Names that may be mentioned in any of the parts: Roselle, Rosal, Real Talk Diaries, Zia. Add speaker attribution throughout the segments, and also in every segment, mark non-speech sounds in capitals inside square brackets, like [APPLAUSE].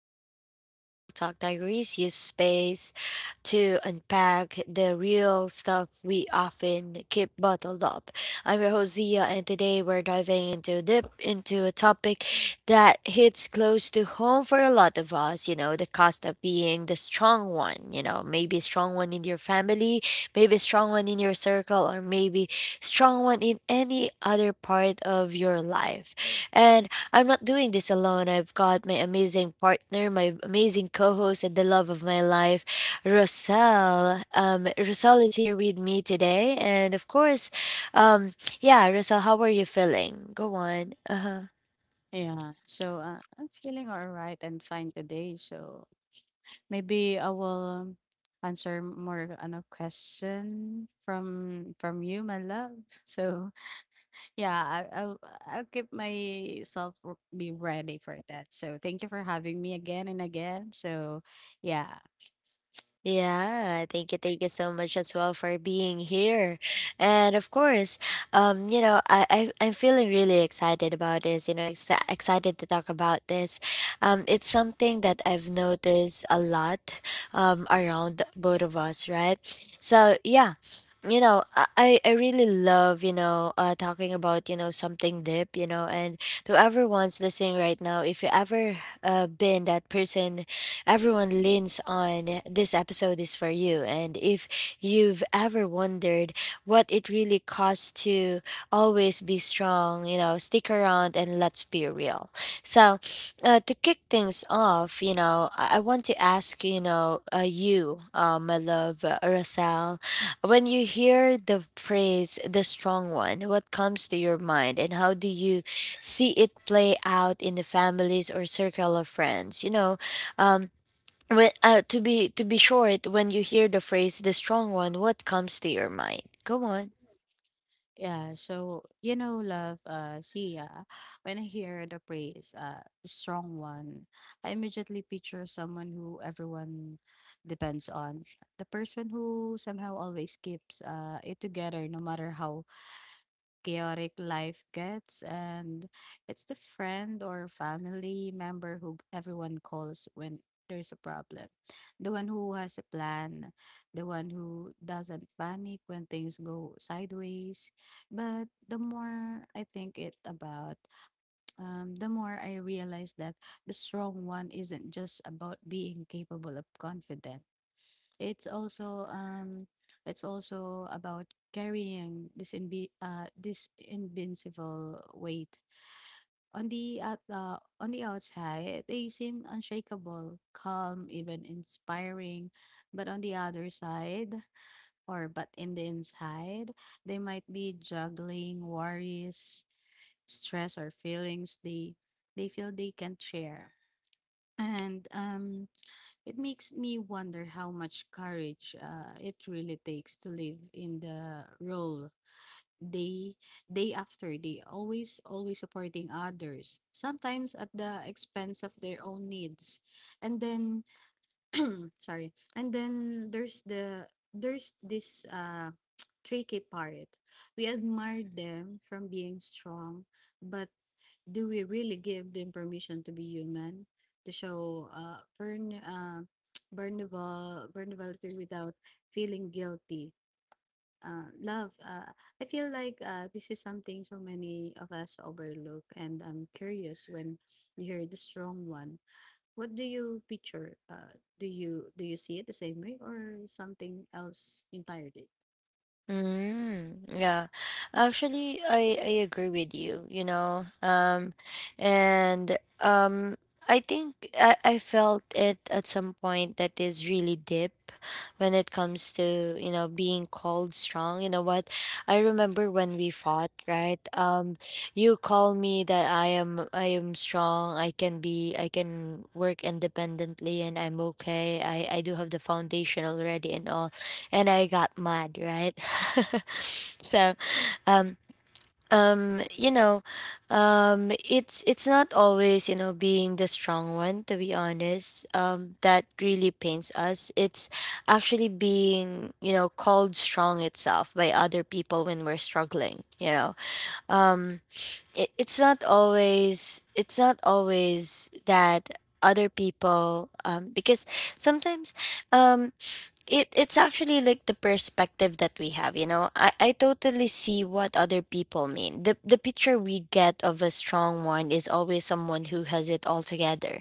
Speaker 1: another episode of Real Talk Diaries. Use space to unpack the real stuff we often keep bottled up. I'm your host, Zia, and today we're diving into deep into a topic that hits close to home for a lot of us, you know, the cost of being the strong one, you know, maybe strong one in your family, maybe strong one in your circle, or maybe strong one in any other part of your life. And I'm not doing this alone. I've got my amazing partner, my amazing co host, and the love of my life, Rosal. Roselle is here with me today. And of course, um, yeah, Rosal, how are you feeling? Go on. Uh huh.
Speaker 2: Yeah, so I'm feeling all right and fine today. So maybe I will um, answer more on a question from you, my love. [LAUGHS] So yeah, I'll keep myself be ready for that. So thank you for having me again and again. So yeah.
Speaker 1: Yeah, thank you so much as well for being here. And of course, you know, I'm feeling really excited about this, you know, ex excited to talk about this. It's something that I've noticed a lot around both of us, right? So yeah, you know, I really love, you know, talking about, you know, something deep, you know, and to everyone's listening right now, if you ever been that person everyone leans on, this episode is for you. And if you've ever wondered what it really costs to always be strong, you know, stick around and let's be real. So, to kick things off, you know, I want to ask, you know, you, my love, Rosal, when you hear the phrase the strong one, what comes to your mind and how do you see it play out in the families or circle of friends? Um, when, to be short, when you hear the phrase "the strong one," what comes to your mind? Go on.
Speaker 2: Yeah, so love, Sia, when I hear the phrase the strong one, I immediately picture someone who everyone depends on. The person who somehow always keeps it together no matter how chaotic life gets, and it's the friend or family member who everyone calls when there's a problem. The one who has a plan, the one who doesn't panic when things go sideways. But the more I think it about, the more I realize that the strong one isn't just about being capable of confident. It's also um it's also about carrying this invincible weight. On the outside, they seem unshakable, calm, even inspiring, but on the other side or but in the inside, they might be juggling worries, stress or feelings they feel they can't share. And it makes me wonder how much courage it really takes to live in the role, day day after day, always supporting others, sometimes at the expense of their own needs. And then [CLEARS THROAT] sorry, and then there's this tricky part. We admire them from being strong, but do we really give them permission to be human, to show burn [TSK] vulnerable vulnerability without feeling guilty. Love, I feel like this is something so many of us overlook, and I'm curious, when you hear the strong one, what do you picture? Do you see it the same way or something else entirely?
Speaker 1: Mm, yeah. Actually, I agree with you, you know. And I think I felt it at some point that is really deep when it comes to, you know, being called strong. You know what? I remember when we fought, right? You called me that I am strong, I can work independently and I'm okay. I do have the foundation already and all, and I got mad, right? [LAUGHS] So, um, you know, it's not always, you know, being the strong one. To be honest, that really pains us. It's actually being, you know, called strong itself by other people when we're struggling. You know, um, it, it's not always, it's not always that other people, because sometimes, um it's actually like the perspective that we have, you know. I totally see what other people mean. The picture we get of a strong one is always someone who has it all together,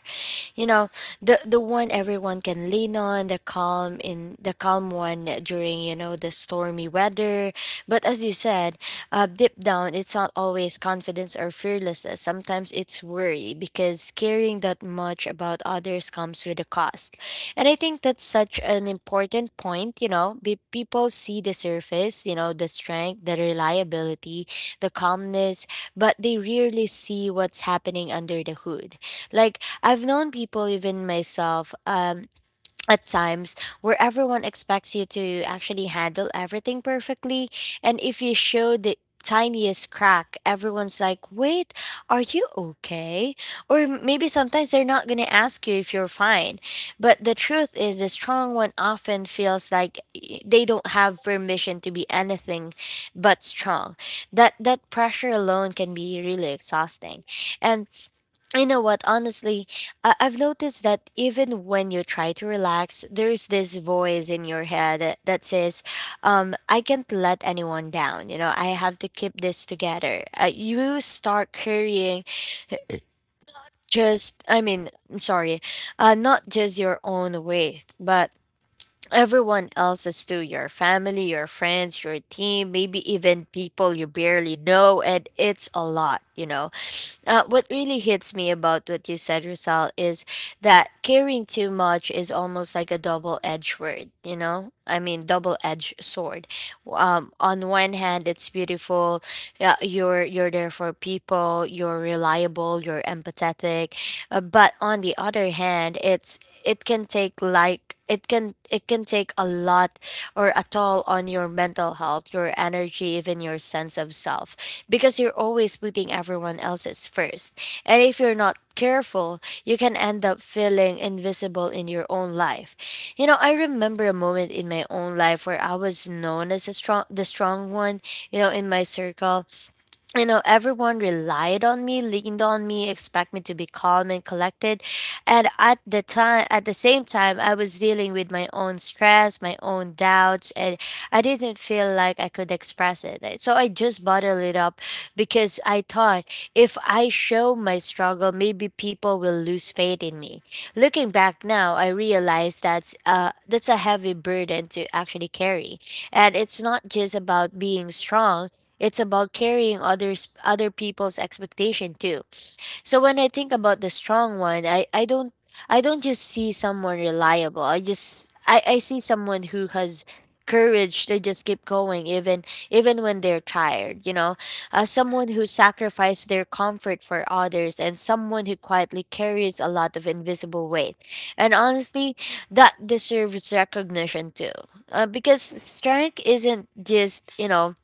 Speaker 1: you know, the one everyone can lean on, the calm in the calm one during, you know, the stormy weather. But as you said, deep down it's not always confidence or fearlessness. Sometimes it's worry, because caring that much about others comes with a cost. And I think that's such an important point. You know, people see the surface, you know, the strength, the reliability, the calmness, but they rarely see what's happening under the hood. Like, I've known people, even myself, [TSK] at times where everyone expects you to actually handle everything perfectly. And if you show the tiniest crack, everyone's like, wait, are you okay? Or maybe sometimes they're not going to ask you if you're fine. But the truth is, the strong one often feels like, they don't have permission to be anything but strong. That pressure alone can be really exhausting. And you know what? Honestly, I've noticed that even when you try to relax, there's this voice in your head that says, I can't let anyone down. You know, I have to keep this together. You start carrying just, I mean, I'm sorry, not just your own weight, but everyone else's too: your family, your friends, your team, maybe even people you barely know. And it's a lot, you know? What really hits me about what you said, Rosal, is that caring too much is almost like a double edged word, you know? I mean, double edged sword. On one hand, it's beautiful. Yeah, you're there for people. You're reliable. You're empathetic. But on the other hand, it's, it can take, like, it can take a lot, or a toll on your mental health, your energy, even your sense of self, because you're always putting everyone else's first. And if you're not careful, you can end up feeling invisible in your own life. You know, I remember a moment in my own life where I was known as a strong the strong one, you know, in my circle. You know, everyone relied on me, leaned on me, expect me to be calm and collected. And at the same time, I was dealing with my own stress, my own doubts, and I didn't feel like I could express it. Like, so I just bottled it up because I thought, if I show my struggle, maybe people will lose faith in me. Looking back now, I realize that's a heavy burden to actually carry. And it's not just about being strong, it's about carrying other people's expectation too. So when I think about the strong one, I don't, I don't just see someone reliable. I see someone who has courage to just keep going even, even when they're tired, you know. Someone who sacrificed their comfort for others, and someone who quietly carries a lot of invisible weight. And honestly, that deserves recognition too. Because strength isn't just, you know,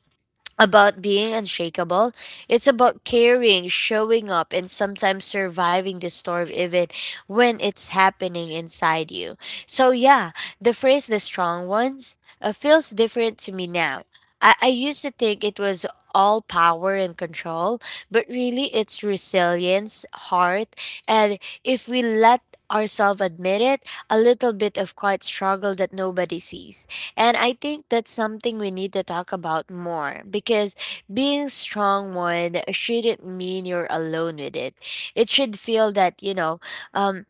Speaker 1: about being unshakable. It's about caring, showing up, and sometimes surviving the storm even when it's happening inside you. So, yeah, the phrase the strong ones feels different to me now. I used to think it was all power and control, but really it's resilience, heart, and if we let ourselves admit it, a little bit of quiet struggle that nobody sees. And I think that's something we need to talk about more, because being strong one shouldn't mean you're alone with it. It should feel that, you know, um,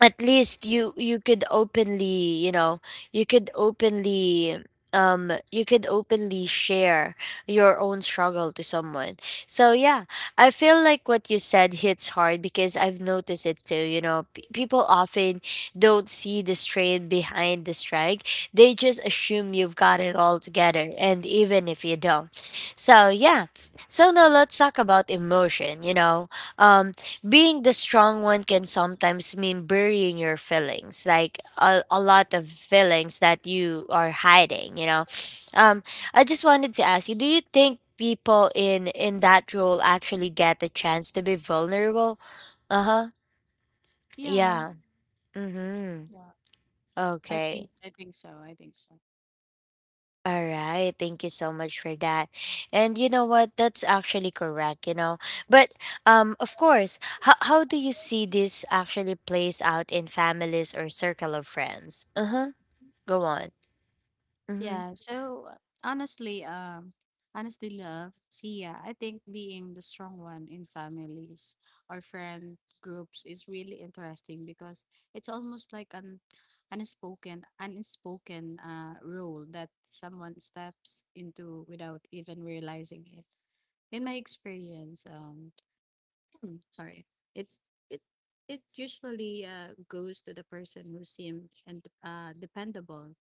Speaker 1: at least you could openly, you know, you could openly you could openly share your own struggle to someone. So yeah, I feel like what you said hits hard because I've noticed it too, you know. People often don't see the strain behind the strike. They just assume you've got it all together, and even if you don't. So yeah, so now let's talk about emotion, you know. um Being the strong one can sometimes mean burying your feelings, like a lot of feelings that you are hiding, you know. Um, I just wanted to ask you, do you think people in that role actually get the chance to be vulnerable? Uh-huh.
Speaker 2: Yeah,
Speaker 1: Yeah. Mm-hmm.
Speaker 2: yeah. I
Speaker 1: Okay.
Speaker 2: think I think so. I think so.
Speaker 1: All right. Thank you so much for that. And you know what? That's actually correct, you know. But of course, how do you see this actually plays out in families or circle of friends? Uh-huh. Go on. Mhm.
Speaker 2: Yeah, so honestly, love, See, yeah, I think being the strong one in families or friend groups is really interesting because it's almost like an unspoken rule that someone steps into without even realizing it. In my experience, [CLEARS THROAT] sorry, it's it it usually goes to the person who seems and dependable,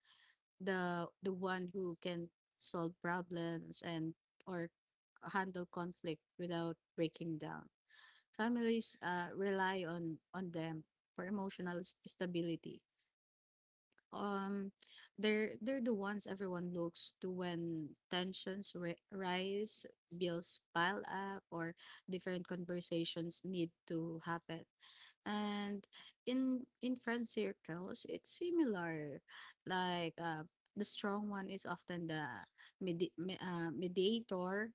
Speaker 2: the one who can solve problems, and or handle conflict without breaking down. Families rely on them for emotional stability. Um, they're the ones everyone looks to when tensions rise, bills pile up, or different conversations need to happen. And in friend circles, it's similar. Like, the strong one is often the mediator,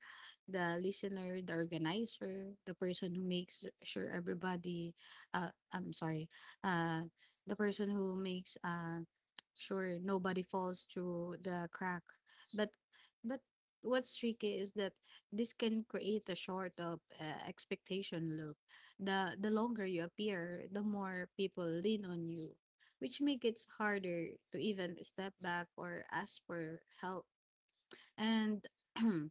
Speaker 2: the listener, the organizer, the person who makes sure everybody, uh, I'm sorry, uh, the person who makes sure nobody falls through the crack. But but what's tricky is that this can create a sort of expectation loop. The longer you appear, the more people lean on you, which makes it harder to even step back or ask for help. And [CLEARS THROAT]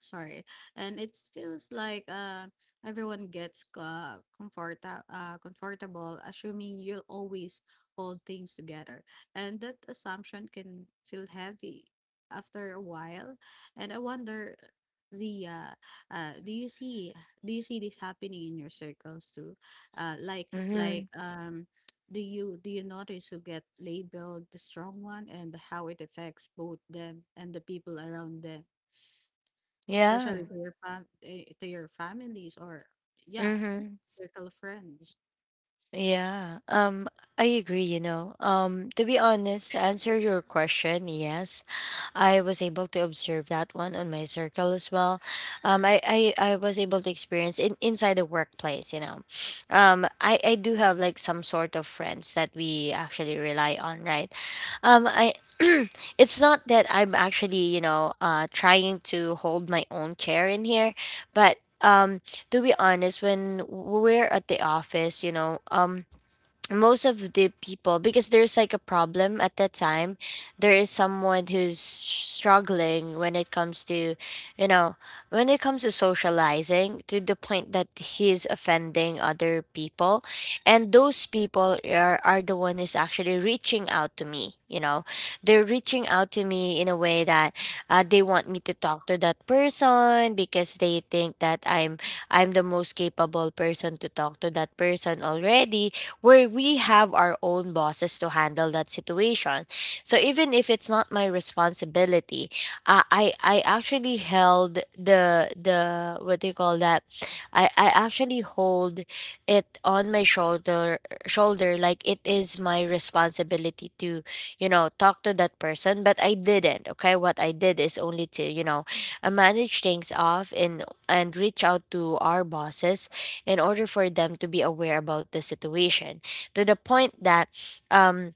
Speaker 2: sorry. And it feels like everyone gets comfortable assuming you'll always hold things together. And that assumption can feel heavy after a while. And I wonder, Zia, uh, do you see do you see this happening in your circles too? Uh, like like
Speaker 1: Mhm.
Speaker 2: um do you notice who get labeled the strong one and how it affects both them and the people around them, especially
Speaker 1: Yeah.
Speaker 2: to your families, or yeah,
Speaker 1: Mhm.
Speaker 2: circle of friends?
Speaker 1: Yeah, I agree, you know. To be honest, to answer your question, yes, I was able to observe that one on my circle as well. I was able to experience in inside the workplace, you know. I do have like some sort of friends that we actually rely on, right? I [CLEARS THROAT] It's not that I'm actually, you know, trying to hold my own chair in here, but to be honest, when we're at the office, you know, most of the people, because there's like a problem at that time, there is someone who's struggling when it comes to, you know, when it comes to socializing, to the point that he's offending other people. And those people are the one who's actually reaching out to me, you know. They're reaching out to me in a way that, they want me to talk to that person because they think that I'm the most capable person to talk to that person already, where we have our own bosses to handle that situation. So even if it's not my responsibility, I actually held the, what do you call that? I actually hold it on my shoulder like it is my responsibility to talk to that person, but I didn't. Okay, what I did is only to manage things off and reach out to our bosses in order for them to be aware about the situation, to the point that um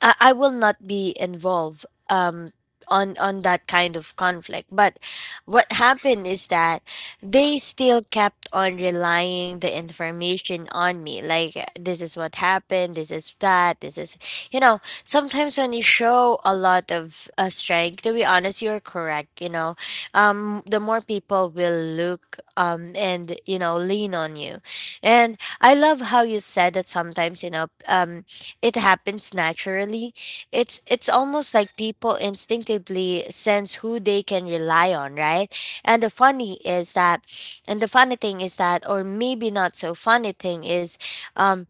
Speaker 1: I will not be involved on that kind of conflict. But what happened is that they still kept on relying the information on me. Like, this is what happened, this is that, this is, you know, sometimes when you show a lot of strength, to be honest, you're correct, you know. The more people will look, and you know, lean on you. And I love how you said that sometimes, you know, it happens naturally. It's almost like people instinctively sense who they can rely on, right? And the funny is that and the funny thing is that, or maybe not so funny thing is, um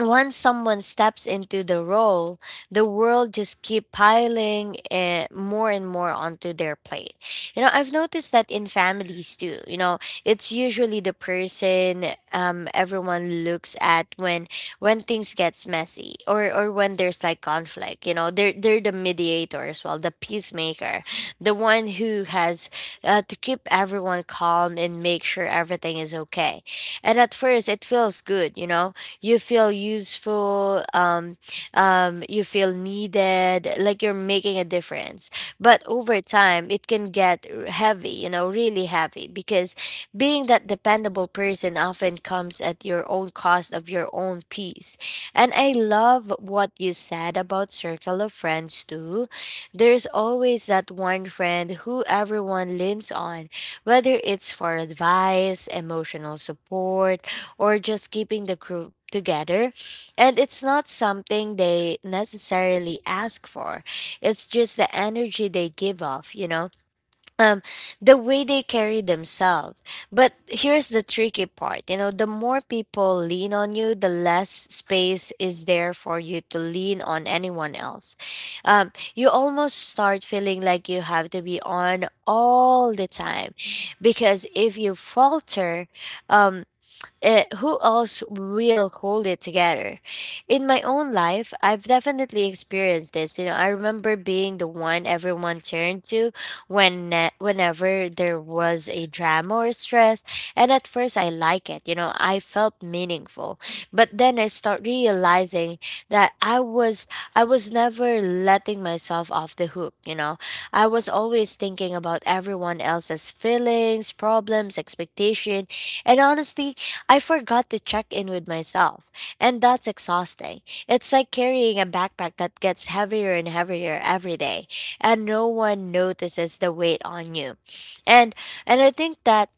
Speaker 1: once someone steps into the role, the world just keep piling more and more onto their plate. You know, I've noticed that in families too. You know, it's usually the person everyone looks at when things gets messy, or when there's like conflict. You know, they're the mediator as well, the peacemaker, the one who has to keep everyone calm and make sure everything is okay. And at first, it feels good. You know, you feel useful, you feel needed, like you're making a difference, but over time it can get heavy, you know, really heavy, because being that dependable person often comes at your own cost of your own peace. And I love what you said about circle of friends too. There's always that one friend who everyone leans on, whether it's for advice, emotional support, or just keeping the group together. And it's not something they necessarily ask for. It's just the energy they give off, you know, um, the way they carry themselves. But here's the tricky part, you know, the more people lean on you, the less space is there for you to lean on anyone else. You almost start feeling like you have to be on all the time, because if you falter, um, who else will hold it together? In my own life, I've definitely experienced this. You know, I remember being the one everyone turned to when whenever there was a drama or stress, and at first I like it. You know, I felt meaningful, but then I start realizing that I was never letting myself off the hook. You know, I was always thinking about everyone else's feelings, problems, expectation, and honestly, I forgot to check in with myself, and that's exhausting. It's like carrying a backpack that gets heavier and heavier every day, and no one notices the weight on you. And and I think that,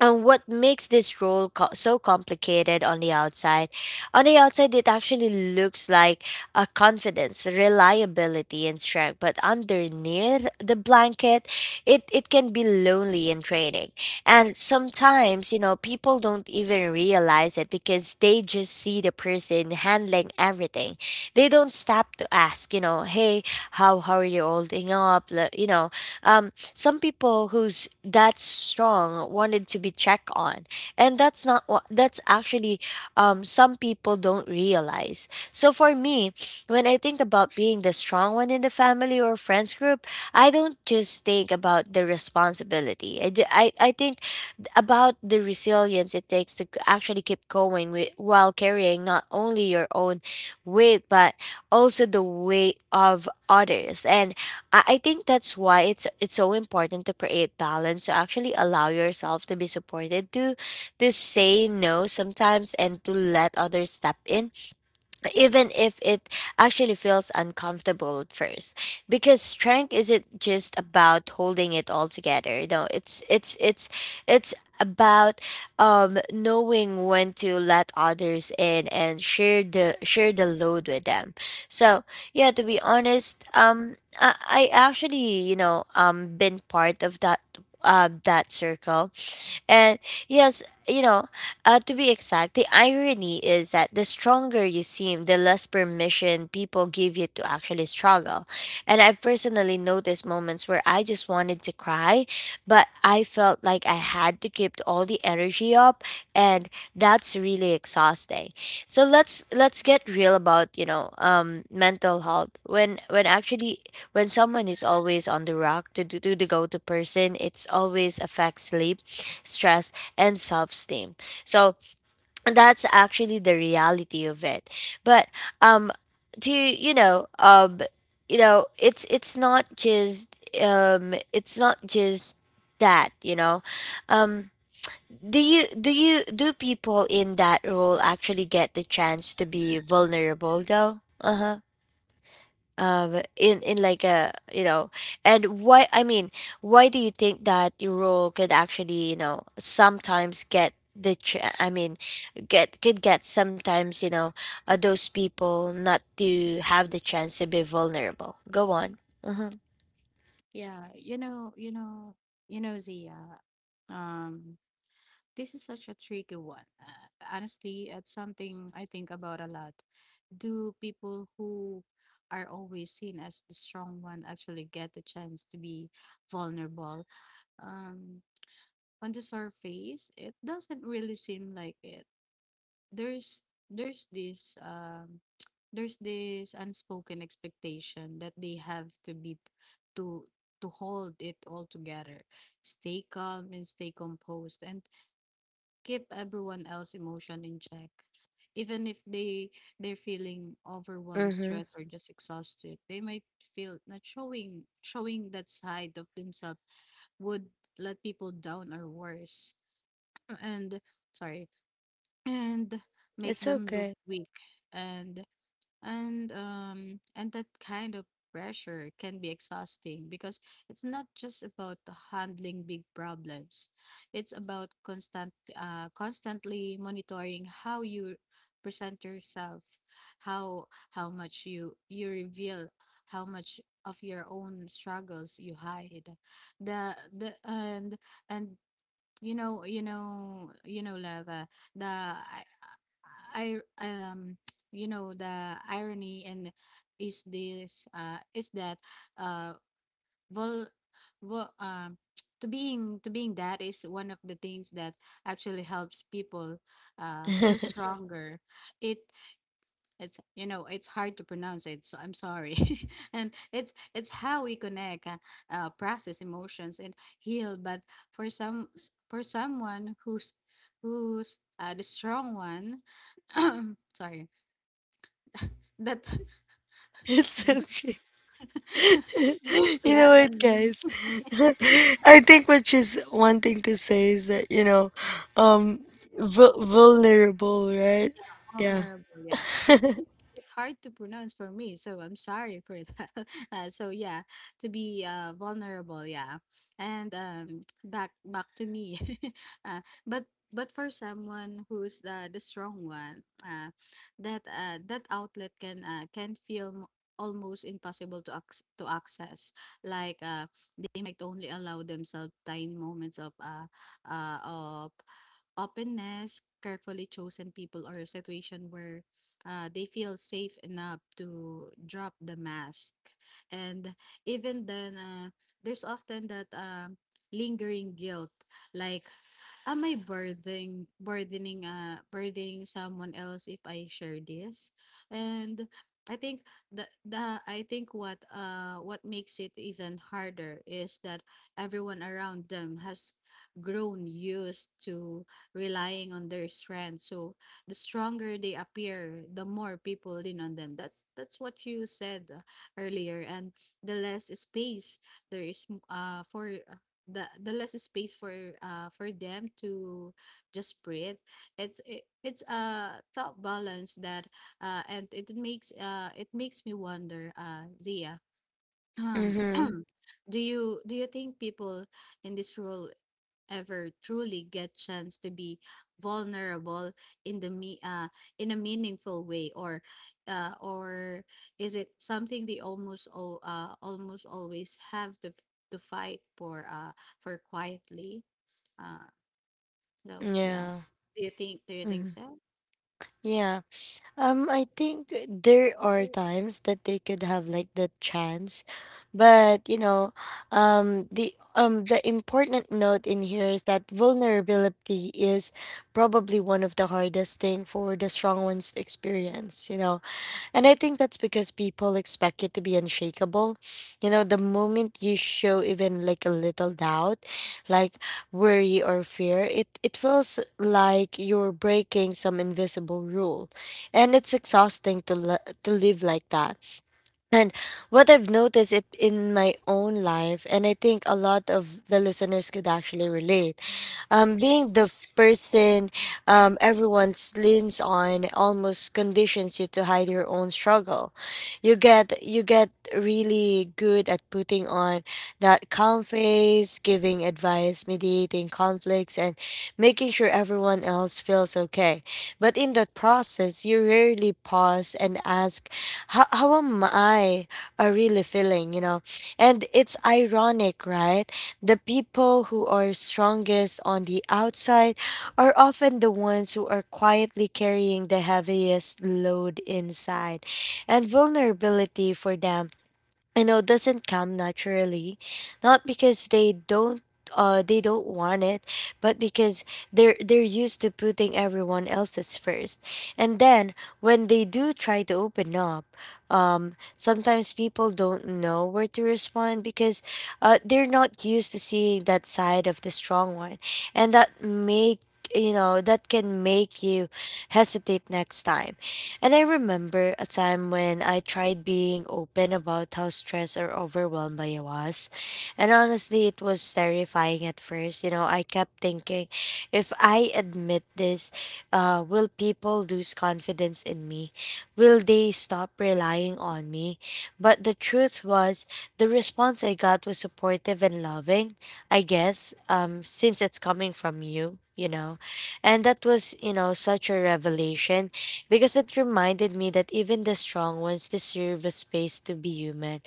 Speaker 1: and what makes this role so complicated on the outside? On the outside, it actually looks like a confidence, reliability, and strength. But underneath the blanket, it can be lonely and draining. And sometimes, you know, people don't even realize it because they just see the person handling everything. They don't stop to ask, you know, hey, how are you holding up? Like, you know, um, some people who's that strong wanted to be checked on, and that's not what that's actually, some people don't realize. So for me, when I think about being the strong one in the family or friends group, I don't just think about the responsibility. I think about the resilience it takes to actually keep going with, while carrying not only your own weight but also the weight of others. And I think that's why it's so important to create balance, to actually allow yourself to be supported, to say no sometimes, and to let others step in, even if it actually feels uncomfortable at first, because strength isn't just about holding it all together, you know, it's about knowing when to let others in and share the load with them. So yeah, to be honest, I actually, you know, been part of that that circle. And yes, you know, to be exact, the irony is that the stronger you seem, the less permission people give you to actually struggle. And I've personally noticed moments where I just wanted to cry, but I felt like I had to keep all the energy up, and that's really exhausting. So let's get real about, you know, mental health. When someone is always on the rock to do to the go to person, it's always affects sleep, stress, and self esteem. So that's actually the reality of it. But um, to, you know, it's not just, it's not just that, you know, um do people in that role actually get the chance to be vulnerable though? Uh-huh. In like a, you know, and why, I mean, why do you think that your role could actually, you know, sometimes get the I mean, get could get sometimes, you know, those people not to have the chance to be vulnerable? Go on. Uh-huh.
Speaker 2: Yeah, Zia, um, this is such a tricky one. Honestly, it's something I think about a lot. Do people who are always seen as the strong one actually get the chance to be vulnerable? Um, on the surface, it doesn't really seem like it. There's there's this [TSK] There's this unspoken expectation that they have to be to to hold it all together, stay calm and stay composed, and keep everyone else emotion in check, even if they're feeling overwhelmed,
Speaker 1: Mm-hmm.
Speaker 2: stressed, or just exhausted. They might feel not showing that side of themselves would let people down, or worse, and sorry, and make
Speaker 1: It's
Speaker 2: them look
Speaker 1: okay.
Speaker 2: weak. And and um and that kind of pressure can be exhausting because it's not just about handling big problems. It's about constantly monitoring how you present yourself, how how much you reveal, how much of your own struggles you hide. The and Lava. The I [TSK] the irony and is this uh is that uh, well, well, [TSK] to being that is one of the things that actually helps people feel
Speaker 1: [LAUGHS]
Speaker 2: stronger. It it's it's hard to pronounce it, so I'm sorry. [LAUGHS] And it's how we connect, process emotions, and heal. But for someone who's the strong one. [CLEARS THROAT] Sorry. That
Speaker 1: It's okay.
Speaker 2: [LAUGHS] Don't
Speaker 1: [LAUGHS] You know
Speaker 2: love at
Speaker 1: what
Speaker 2: me.
Speaker 1: guys, [LAUGHS] I think what she's wanting to say is that, you know, um vulnerable, right?
Speaker 2: Vulnerable. Yeah, it's it's it's hard to pronounce for me, so I'm sorry for that. [LAUGHS] So yeah, to be vulnerable. Yeah, and back to me. [LAUGHS] uh, but but for someone who's the strong one, that outlet can can feel almost impossible to access, like they might only allow themselves tiny moments of openness, carefully chosen people or a situation where they feel safe enough to drop the mask. And even then, there's often that lingering guilt, like, "Am I burdening someone else if I share this?" And I think I think what makes it even harder is that everyone around them has grown used to relying on their strength. So the stronger they appear, the more people lean on them. That's what you said earlier. And the less space there is m- for the less space for them to just breathe. It's a thought balance, that and it makes me wonder, Zia. um
Speaker 1: Mm-hmm.
Speaker 2: [CLEARS THROAT] do you think people in this role ever truly get chance to be vulnerable in the me in a meaningful way, or is it something they almost always have to fight for quietly, uh no, yeah,
Speaker 1: Yeah.
Speaker 2: do you think
Speaker 1: Mm-hmm.
Speaker 2: so?
Speaker 1: Yeah. I think there are times that they could have like the chance, but you know, the important note in here is that vulnerability is probably one of the hardest thing for the strong ones to experience. You know, and I think that's because people expect you to be unshakable. You know, the moment you show even like a little doubt, like worry or fear, it feels like you're breaking some invisible rule. And it's exhausting to, to live like that. And what I've noticed it in my own life, and I think a lot of the listeners could actually relate, being the person everyone's leans on almost conditions you to hide your own struggle. You get really good at putting on that calm face, giving advice, mediating conflicts, and making sure everyone else feels okay. But in that process, you rarely pause and ask, How am I are really feeling?" You know, and it's ironic, right? The people who are strongest on the outside are often the ones who are quietly carrying the heaviest load inside. And vulnerability for them, you know, doesn't come naturally, not because they don't want it, but because they're used to putting everyone else's first. And then when they do try to open up, sometimes people don't know where to respond because they're not used to seeing that side of the strong one, and that make, you know, that can make you hesitate next time. And I remember a time when I tried being open about how stressed or overwhelmed I was, and honestly it was terrifying at first. You know, I kept thinking, if I admit this, will people lose confidence in me? Will they stop relying on me? But the truth was, the response I got was supportive and loving, I guess, since it's coming from you, you know. And that was, you know, such a revelation because it reminded me that even the strong ones deserve a space to be human.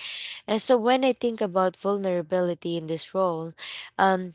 Speaker 1: And so when I think about vulnerability in this role, um,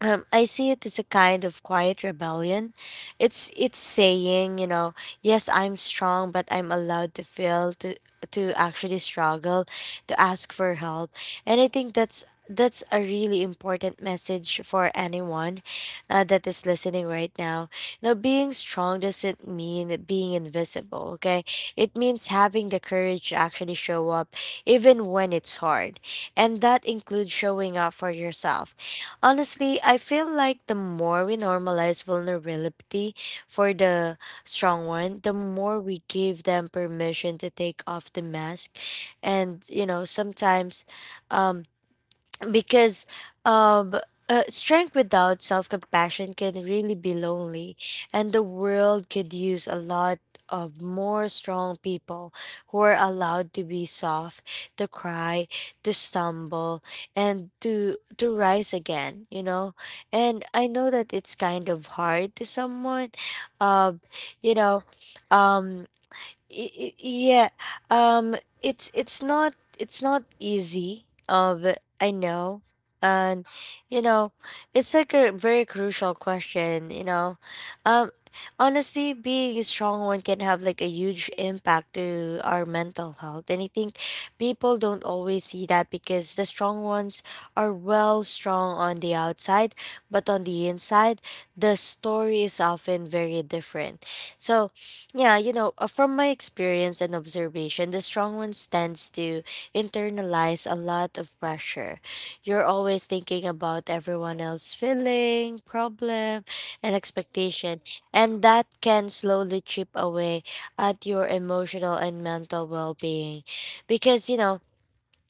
Speaker 1: I see it as a kind of quiet rebellion. It's saying, you know, yes, I'm strong, but I'm allowed to fail, to actually struggle, to ask for help, and I think that's a really important message for anyone that is listening right now. Now, being strong doesn't mean being invisible. Okay, it means having the courage to actually show up, even when it's hard, and that includes showing up for yourself. Honestly, I feel like the more we normalize vulnerability for the strong one, the more we give them permission to take off the mask. And, you know, sometimes um because um strength without self-compassion can really be lonely, and the world could use a lot of more strong people who are allowed to be soft, to cry, to stumble, and to rise again, you know. And I know that it's kind of hard to someone. uh, you know. um yeah. um it's not it's not easy. But I know. And, you know, it's like a very crucial question, you know. um Honestly, being a strong one can have like a huge impact to our mental health, and I think people don't always see that because the strong ones are, well, strong on the outside, but on the inside the story is often very different. So, yeah, you know, from my experience and observation, the strong one tends to internalize a lot of pressure. You're always thinking about everyone else's feeling, problem, and expectation, and that can slowly chip away at your emotional and mental well-being. Because, you know,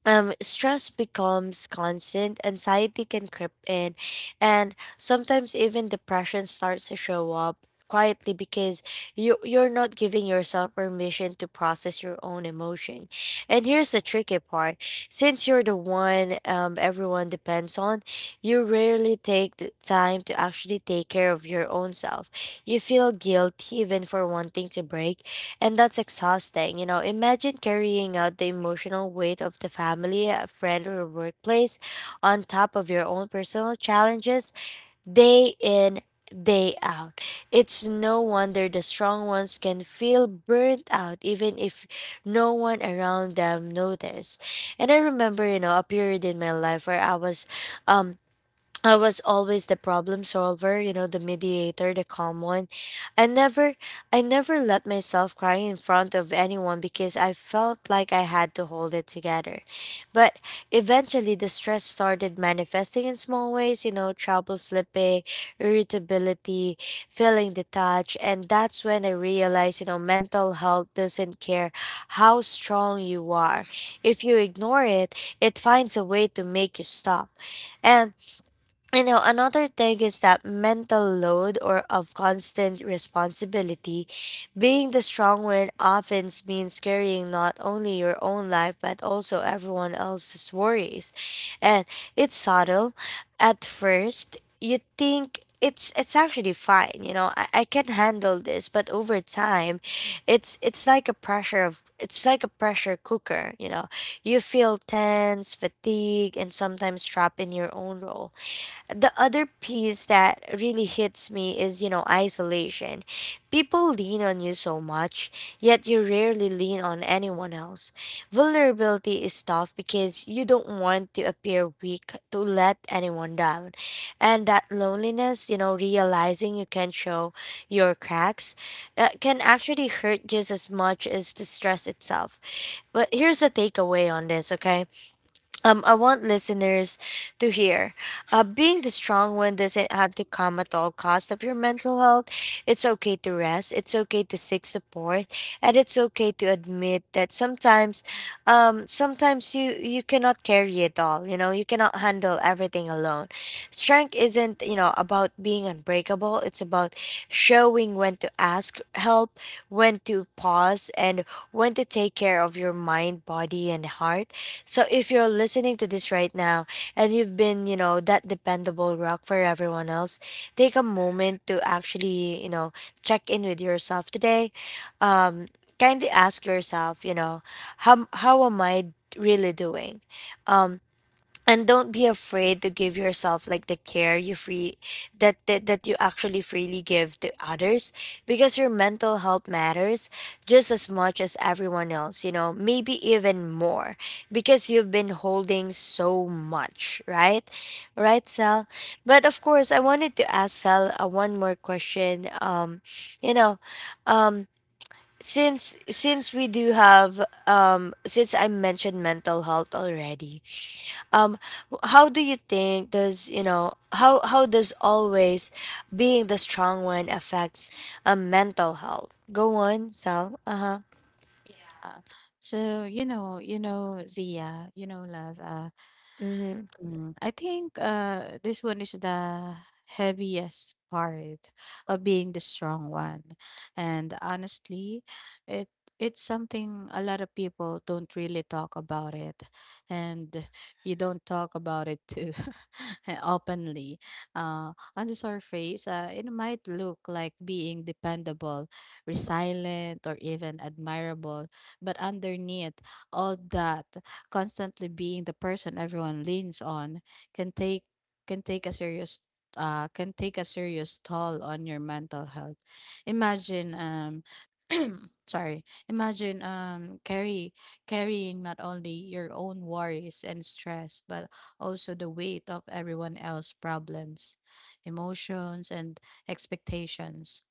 Speaker 1: stress becomes constant, anxiety can creep in, and sometimes even depression starts to show up quietly because you're not giving yourself permission to process your own emotion. And here's the tricky part. Since you're the one everyone depends on, you rarely take the time to actually take care of your own self. You feel guilty even for wanting to break, and that's exhausting. You know, imagine carrying out the emotional weight of the family, a friend, or workplace on top of your own personal challenges, day in, day out. It's no wonder the strong ones can feel burnt out even if no one around them notice. And I remember, you know, a period in my life where um I was always the problem solver, you know, the mediator, the calm one. I never I never let myself cry in front of anyone because I felt like I had to hold it together. But eventually the stress started manifesting in small ways, you know, trouble sleeping, irritability, feeling detached, and that's when I realized, you know, mental health doesn't care how strong you are. If you ignore it, it finds a way to make you stop. And, you know, another thing is that mental load or of constant responsibility, being the strong one often means carrying not only your own life but also everyone else's worries, and it's subtle at first. You think it's actually fine, you know. I can handle this, but over time it's like a pressure cooker, you know. You feel tense, fatigue, and sometimes trapped in your own role. The other piece that really hits me is, you know, isolation. People lean on you so much, yet you rarely lean on anyone else. Vulnerability is tough because you don't want to appear weak, to let anyone down. And that loneliness, you know, realizing you can show your cracks, can actually hurt just as much as the stress itself. But here's the takeaway on this, okay? I want listeners to hear. Being the strong one doesn't have to come at all cost of your mental health. It's okay to rest. It's okay to seek support, and it's okay to admit that sometimes, sometimes you cannot carry it all. You know, you cannot handle everything alone. Strength isn't, you know, about being unbreakable. It's about showing when to ask help, when to pause, and when to take care of your mind, body, and heart. So if you're listening to this right now and you've been, you know, that dependable rock for everyone else, take a moment to actually, you know, check in with yourself today. Um, Kindly ask yourself, you know, how am I really doing? Um, and don't be afraid to give yourself like the care you free that, that that you actually freely give to others, because your mental health matters just as much as everyone else, you know, maybe even more, because you've been holding so much, right? Right, Sal? But of course I wanted to ask Sal, one more question. You know um since we do have, since I mentioned mental health already, um how do you think, does, you know, how does always being the strong one affects a mental health? Go on, Sal. Uh-huh.
Speaker 2: Yeah. So, Zia, love,
Speaker 1: Mm-hmm.
Speaker 2: I think this one is the heaviest part of being the strong one. And honestly, it it's something a lot of people don't really talk about it. And you don't talk about it too [LAUGHS] openly. On the surface, it might look like being dependable, resilient, or even admirable. But underneath all that, constantly being the person everyone leans on can take can take a serious can take a serious toll on your mental health. Imagine [CLEARS THROAT] sorry, imagine carry carrying not only your own worries and stress, but also the weight of everyone else's problems, emotions, and expectations.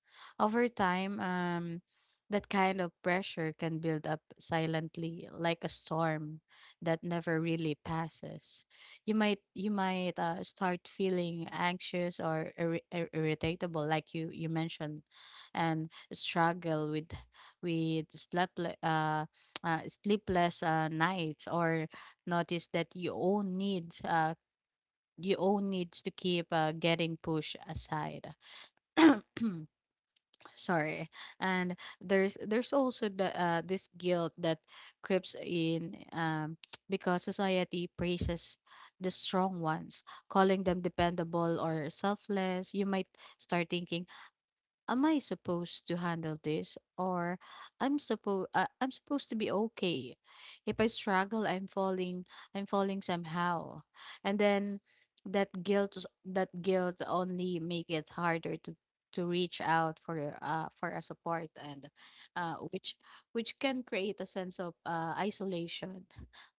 Speaker 2: Over time, that kind of pressure can build up silently, like a storm that never really passes. You might start feeling anxious or irritable, like you mentioned, and struggle with uh, sleepless nights, or notice that your own needs to keep getting pushed aside. [CLEARS THROAT] Sorry. And there's also the this guilt that creeps in, [TSK] because society praises the strong ones, calling them dependable or selfless. You might start thinking, am I supposed to handle this, or I'm supposed to be okay? If I struggle, I'm falling somehow. And then that guilt that guilt only make it harder to reach out for a support, and uh which which can create a sense of isolation.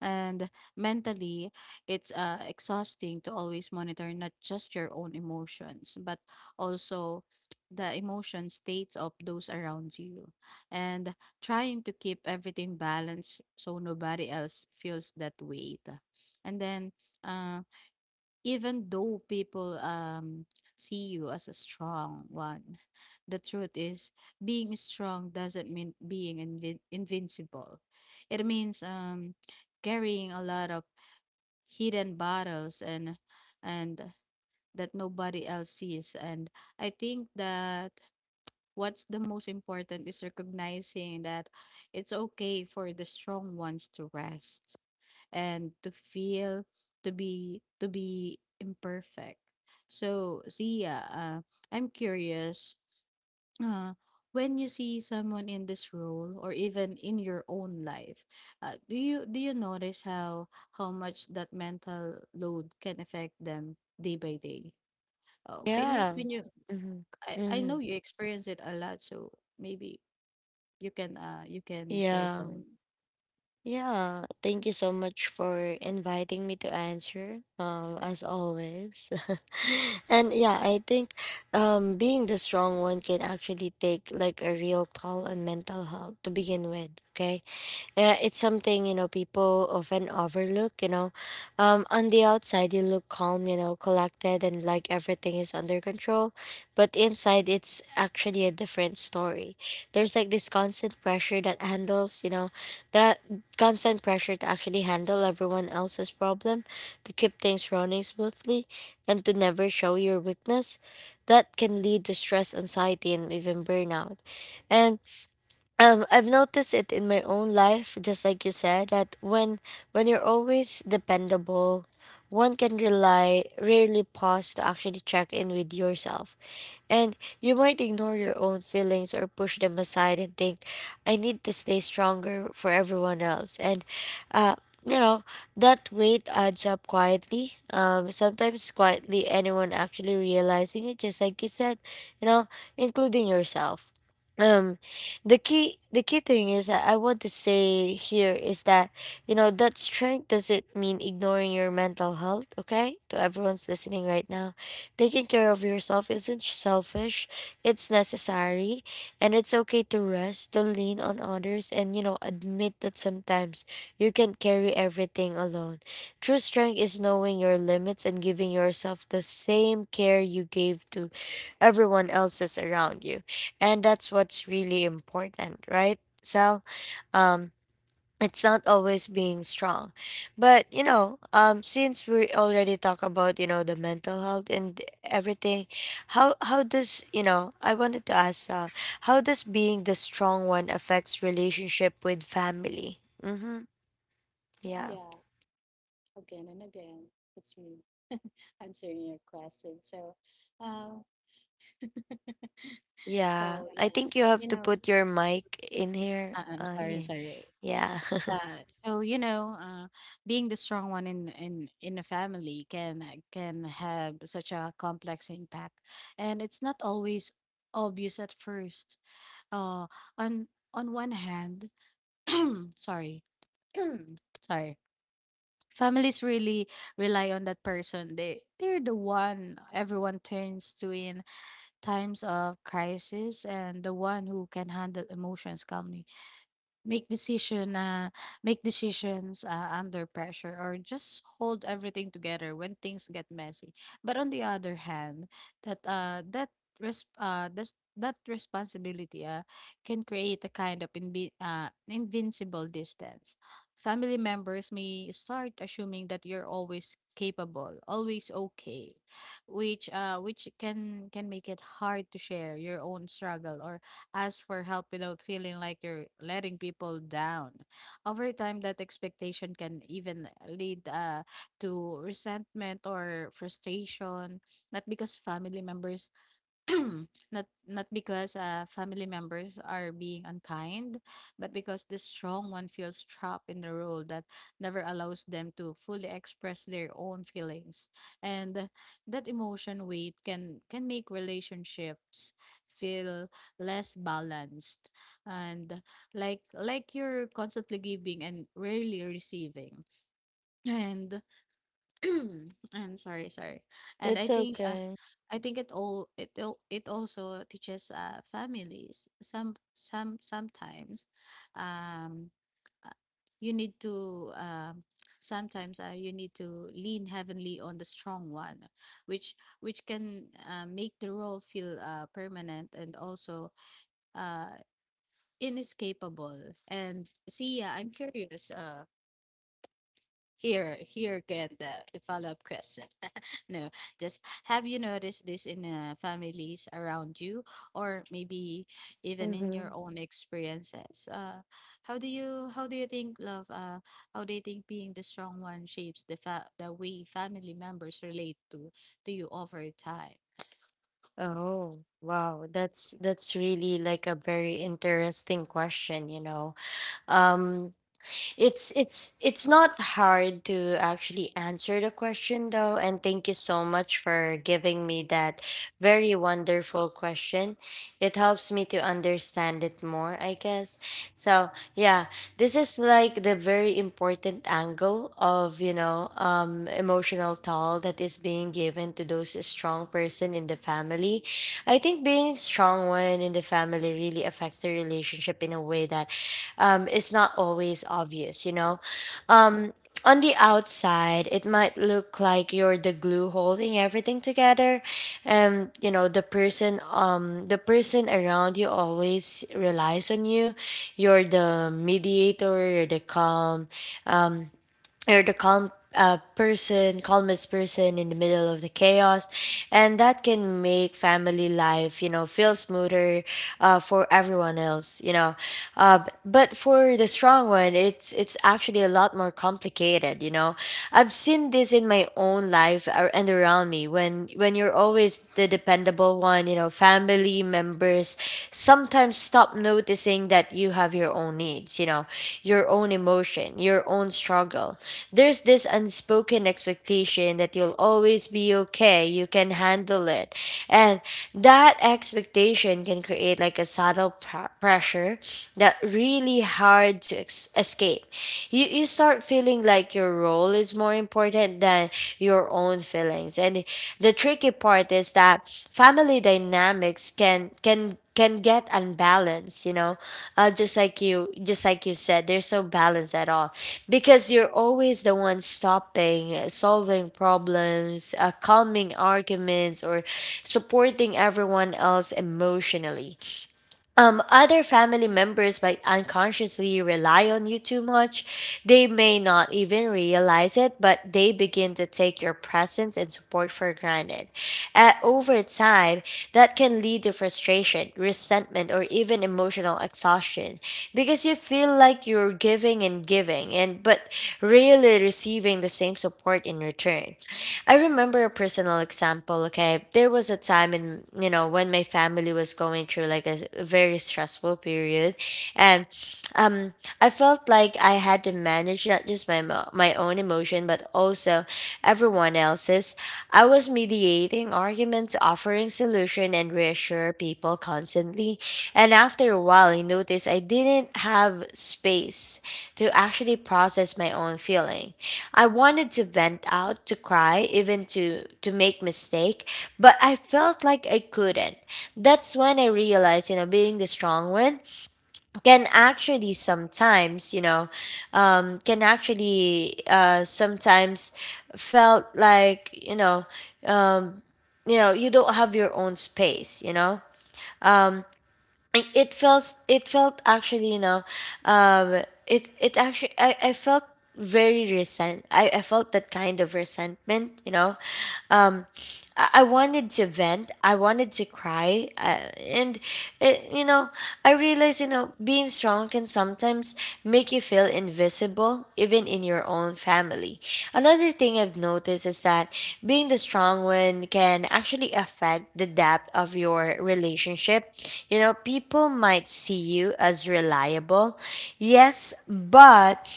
Speaker 2: And mentally, it's exhausting to always monitor not just your own emotions but also the emotion states of those around you, and trying to keep everything balanced so nobody else feels that weight. And then, uh, even though people, see you as a strong one, the truth is being strong doesn't mean being invincible. It means, carrying a lot of hidden battles and that nobody else sees. And I think that what's the most important is recognizing that it's okay for the strong ones to rest, and to be imperfect. So, Zia, I'm curious. Uh, when you see someone in this role or even in your own life, do you notice how much that mental load can affect them day by day? Oh, can you
Speaker 1: Yeah.
Speaker 2: can you?
Speaker 1: Mm-hmm.
Speaker 2: I
Speaker 1: Mm-hmm.
Speaker 2: know you experience it a lot, so maybe you can share
Speaker 1: Yeah.
Speaker 2: some.
Speaker 1: Yeah, thank you so much for inviting me to answer, as always. [LAUGHS] And yeah, I think, being the strong one can actually take like a real toll on mental health to begin with. Okay. It's something, you know, people often overlook. You know, on the outside you look calm, you know, collected, and like everything is under control, but inside it's actually a different story. There's like this constant pressure that handles, you know, that constant pressure to actually handle everyone else's problem, to keep things running smoothly, and to never show your weakness. That can lead to stress, anxiety, and even burnout. And I've noticed it in my own life, just like you said, that when you're always dependable, one can rely rarely pause to actually check in with yourself. And you might ignore your own feelings or push them aside and think, I need to stay stronger for everyone else. And, uh, you know, that weight adds up quietly. Sometimes quietly, anyone actually realizing it, just like you said, you know, including yourself. Um, the key thing is that I want to say here is that, you know, that strength doesn't mean ignoring your mental health. Okay, to everyone's listening right now, taking care of yourself isn't selfish, it's necessary, and it's okay to rest, to lean on others, and, you know, admit that sometimes you can't carry everything alone. True strength is knowing your limits and giving yourself the same care you gave to everyone else's around you. And that's what's really important, right? So, um, it's not always being strong, but, you know, since we already talk about, you know, the mental health and everything, how does, you know, I wanted to ask, how does being the strong one affects relationship with family? Mm-hmm. Yeah.
Speaker 2: Yeah, again and again, it's me [LAUGHS] answering your question. Um,
Speaker 1: Yeah,
Speaker 2: so
Speaker 1: I
Speaker 2: yeah,
Speaker 1: think you have
Speaker 2: you
Speaker 1: to
Speaker 2: know,
Speaker 1: put your mic in here,
Speaker 2: I'm
Speaker 1: uh,
Speaker 2: sorry, I'm
Speaker 1: yeah.
Speaker 2: sorry.
Speaker 1: Yeah. [LAUGHS]
Speaker 2: So, so you know, uh, Being the strong one in a family can have such a complex impact, and it's not always obvious at first. Uh, on one hand, [CLEARS THROAT] sorry, [CLEARS THROAT] sorry. Families really rely on that person. They they're the one everyone turns to in times of crisis, and the one who can handle emotions calmly, make decision uh, make decisions under pressure, or just hold everything together when things get messy. But on the other hand, that uh that that's that responsibility can create a kind of invincible distance. Family members may start assuming that you're always capable, always okay, which can make it hard to share your own struggle or ask for help without feeling like you're letting people down. Over time, that expectation can even lead to resentment or frustration, not because family members [CLEARS THROAT] not because family members are being unkind, but because the strong one feels trapped in the role that never allows them to fully express their own feelings, and that emotion weight can make relationships feel less balanced, and like you're constantly giving and rarely receiving. And [CLEARS THROAT] I'm sorry, sorry. And
Speaker 1: It's okay.
Speaker 2: I think it it also teaches families some sometimes, um uh, you need to, sometimes you need to lean heavenly on the strong one, which can make the role feel permanent and also uh inescapable. And see, yeah, I'm curious. Here, again, the follow-up question, no, just have you noticed this in families around you, or maybe even in
Speaker 1: Mm-hmm.
Speaker 2: your own experiences? How do you how do you think love how do you think being the strong one shapes the the way family members relate to you over time?
Speaker 1: Oh, wow. That's really like a very interesting question, you know. Um, it's not hard to actually answer the question though, and thank you so much for giving me that very wonderful question. It helps me to understand it more, I guess. So yeah, this is like the very important angle of, you know, emotional toll that is being given to those strong person in the family. I think being strong one in the family really affects the relationship in a way that, is not always obvious, you know? Um, on the outside, it might look like you're the glue holding everything together, and you know the person around you always relies on you. You're the mediator. You're the calm. You're the calm person, calmest person in the middle of the chaos, and that can make family life, you know, feel smoother, for everyone else, you know. But for the strong one, it's actually a lot more complicated, you know. I've seen this in my own life and around me when you're always the dependable one, you know, family members sometimes stop noticing that you have your own needs, you know, your own emotion, your own struggle. There's this unspoken expectation that you'll always be okay, you can handle it. And that expectation can create like a subtle pressure that really hard to escape. You start feeling like your role goal is more important than your own feelings. And the tricky part is that family dynamics can get unbalanced, you know. Just like you said, there's no balance at all. Because you're always the one stopping, solving problems, calming arguments or supporting everyone else emotionally, other family members might unconsciously rely on you too much. They may not even realize it, but they begin to take your presence and support for granted. At, over time, that can lead to frustration, resentment, or even emotional exhaustion because you feel like you're giving and giving, and but really receiving the same support in return. I remember a personal example. Okay, there was a time in, you know, when my family was going through like a very stressful period, and um, I felt like I had to manage not just my own emotion but also everyone else's. I was mediating arguments, offering solution, and reassure people constantly. And after a while, I noticed I didn't have space to actually process my own feeling. I wanted to vent out, to cry, even to make mistake, but I felt like I couldn't. That's when I realized, you know, being the strong one can actually sometimes, you know, can actually sometimes felt like, you know, um, you know, you don't have your own space, you know. It felt, actually, you know, it actually, I felt very resent I felt that kind of resentment, you know. um, I wanted to vent. I wanted to cry. And, you know, I realized, you know, being strong can sometimes make you feel invisible, even in your own family. Another thing I've noticed is that being the strong one can actually affect the depth of your relationship. You know, people might see you as reliable, yes, but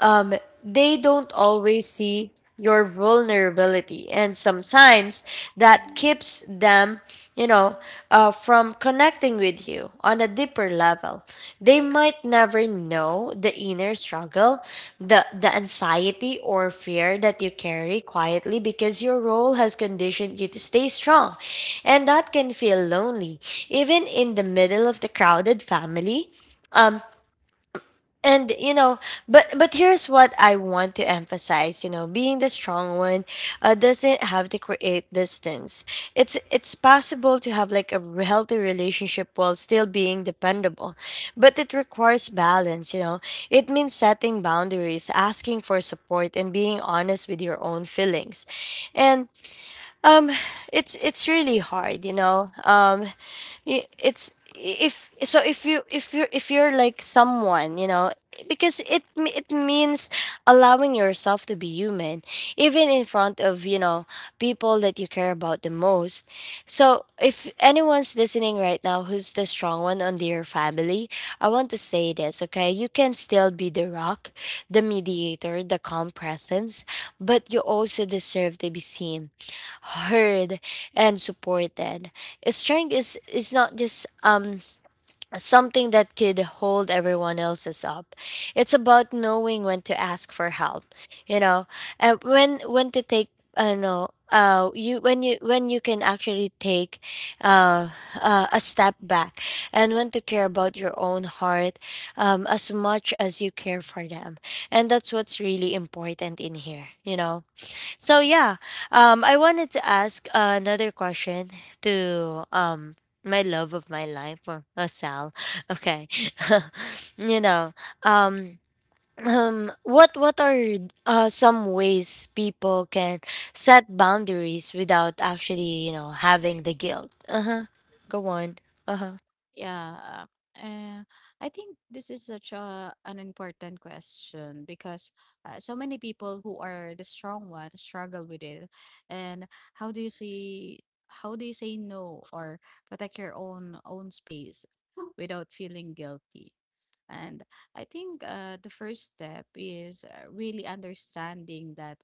Speaker 1: um, they don't always see your vulnerability, and sometimes that keeps them, you know from connecting with you on a deeper level. They might never know the inner struggle, the anxiety or fear that you carry quietly because your role has conditioned you to stay strong, and that can feel lonely, even in the middle of the crowded family. Um and you know But here's what I want to emphasize. You know, being the strong one doesn't have to create distance. It's possible to have like a healthy relationship while still being dependable, but it requires balance, you know. It means setting boundaries, asking for support, and being honest with your own feelings. And um, it's really hard, you know. It's, if you if you're like someone, you know, because it means allowing yourself to be human, even in front of, you know, people that you care about the most. So if anyone's listening right now who's the strong one on their family, I want to say this, okay? You can still be the rock, the mediator, the calm presence, but you also deserve to be seen, heard, and supported. Strength is not just something that could hold everyone else's up. It's about knowing when to ask for help, you know, and when to take, no you, when you, when you can actually take uh, a step back, and when to care about your own heart as much as you care for them. And that's what's really important in here, you know. So yeah, I wanted to ask another question to, my love of my life, or Sal. [LAUGHS] Okay, [LAUGHS] you know, um, what are some ways people can set boundaries without actually, you know, having the guilt? Uh huh. Go on. Uh huh.
Speaker 2: Yeah. Uh, I think this is such a an important question because so many people who are the strong ones struggle with it. And how do you say, how do you say no or protect your own space without feeling guilty? And I think the first step is really understanding that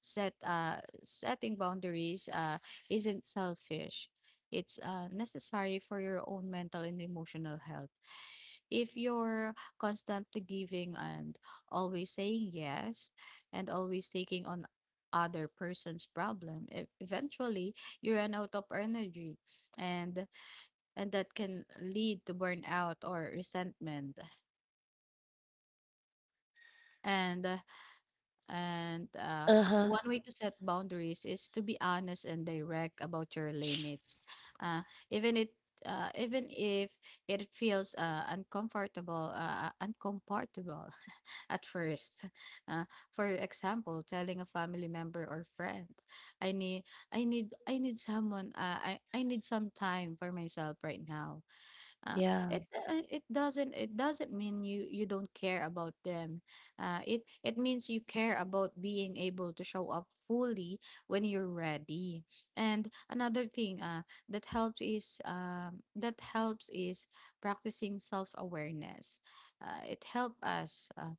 Speaker 2: set uh setting boundaries isn't selfish. It's necessary for your own mental and emotional health. If you're constantly giving, and always saying yes, and always taking on other person's problem, eventually you run out of energy, and that can lead to burnout or resentment. And uh, And
Speaker 1: Uh huh.
Speaker 2: One way to set boundaries is to be honest and direct about your limits. Uh, Even it even if it feels uncomfortable [LAUGHS] at first. Uh, for example, telling a family member or friend, "I need, I need someone. I need some time for myself right now." Uh,
Speaker 1: Yeah.
Speaker 2: it it doesn't mean you don't care about them. It means you care about being able to show up fully when you're ready. And another thing that helps is practicing self awareness. It helps us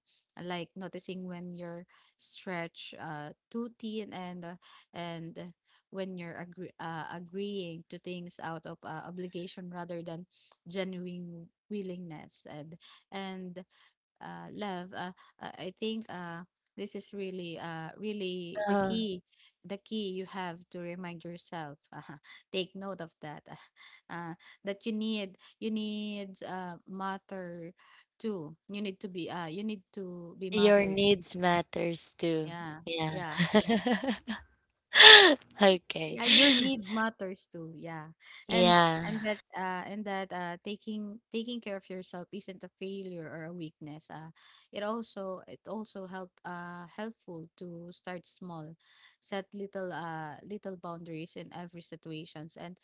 Speaker 2: like noticing when you're stretched too thin, and when you're agreeing to things out of obligation rather than genuine willingness, and love. I think this is really really the
Speaker 1: Uh,
Speaker 2: key. The key. You have to remind yourself. [LAUGHS] Take note of that. Uh, that you need, mother too. You need to be you need to be
Speaker 1: your
Speaker 2: mother too.
Speaker 1: needs matters too.
Speaker 2: Yeah,
Speaker 1: Yeah.
Speaker 2: yeah, yeah.
Speaker 1: [LAUGHS] Okay.
Speaker 2: Yeah, your need matters too. Yeah. And
Speaker 1: Yeah.
Speaker 2: and that taking care of yourself isn't a failure or a weakness. It also, help, helpful to start small. Set little boundaries in every situations, and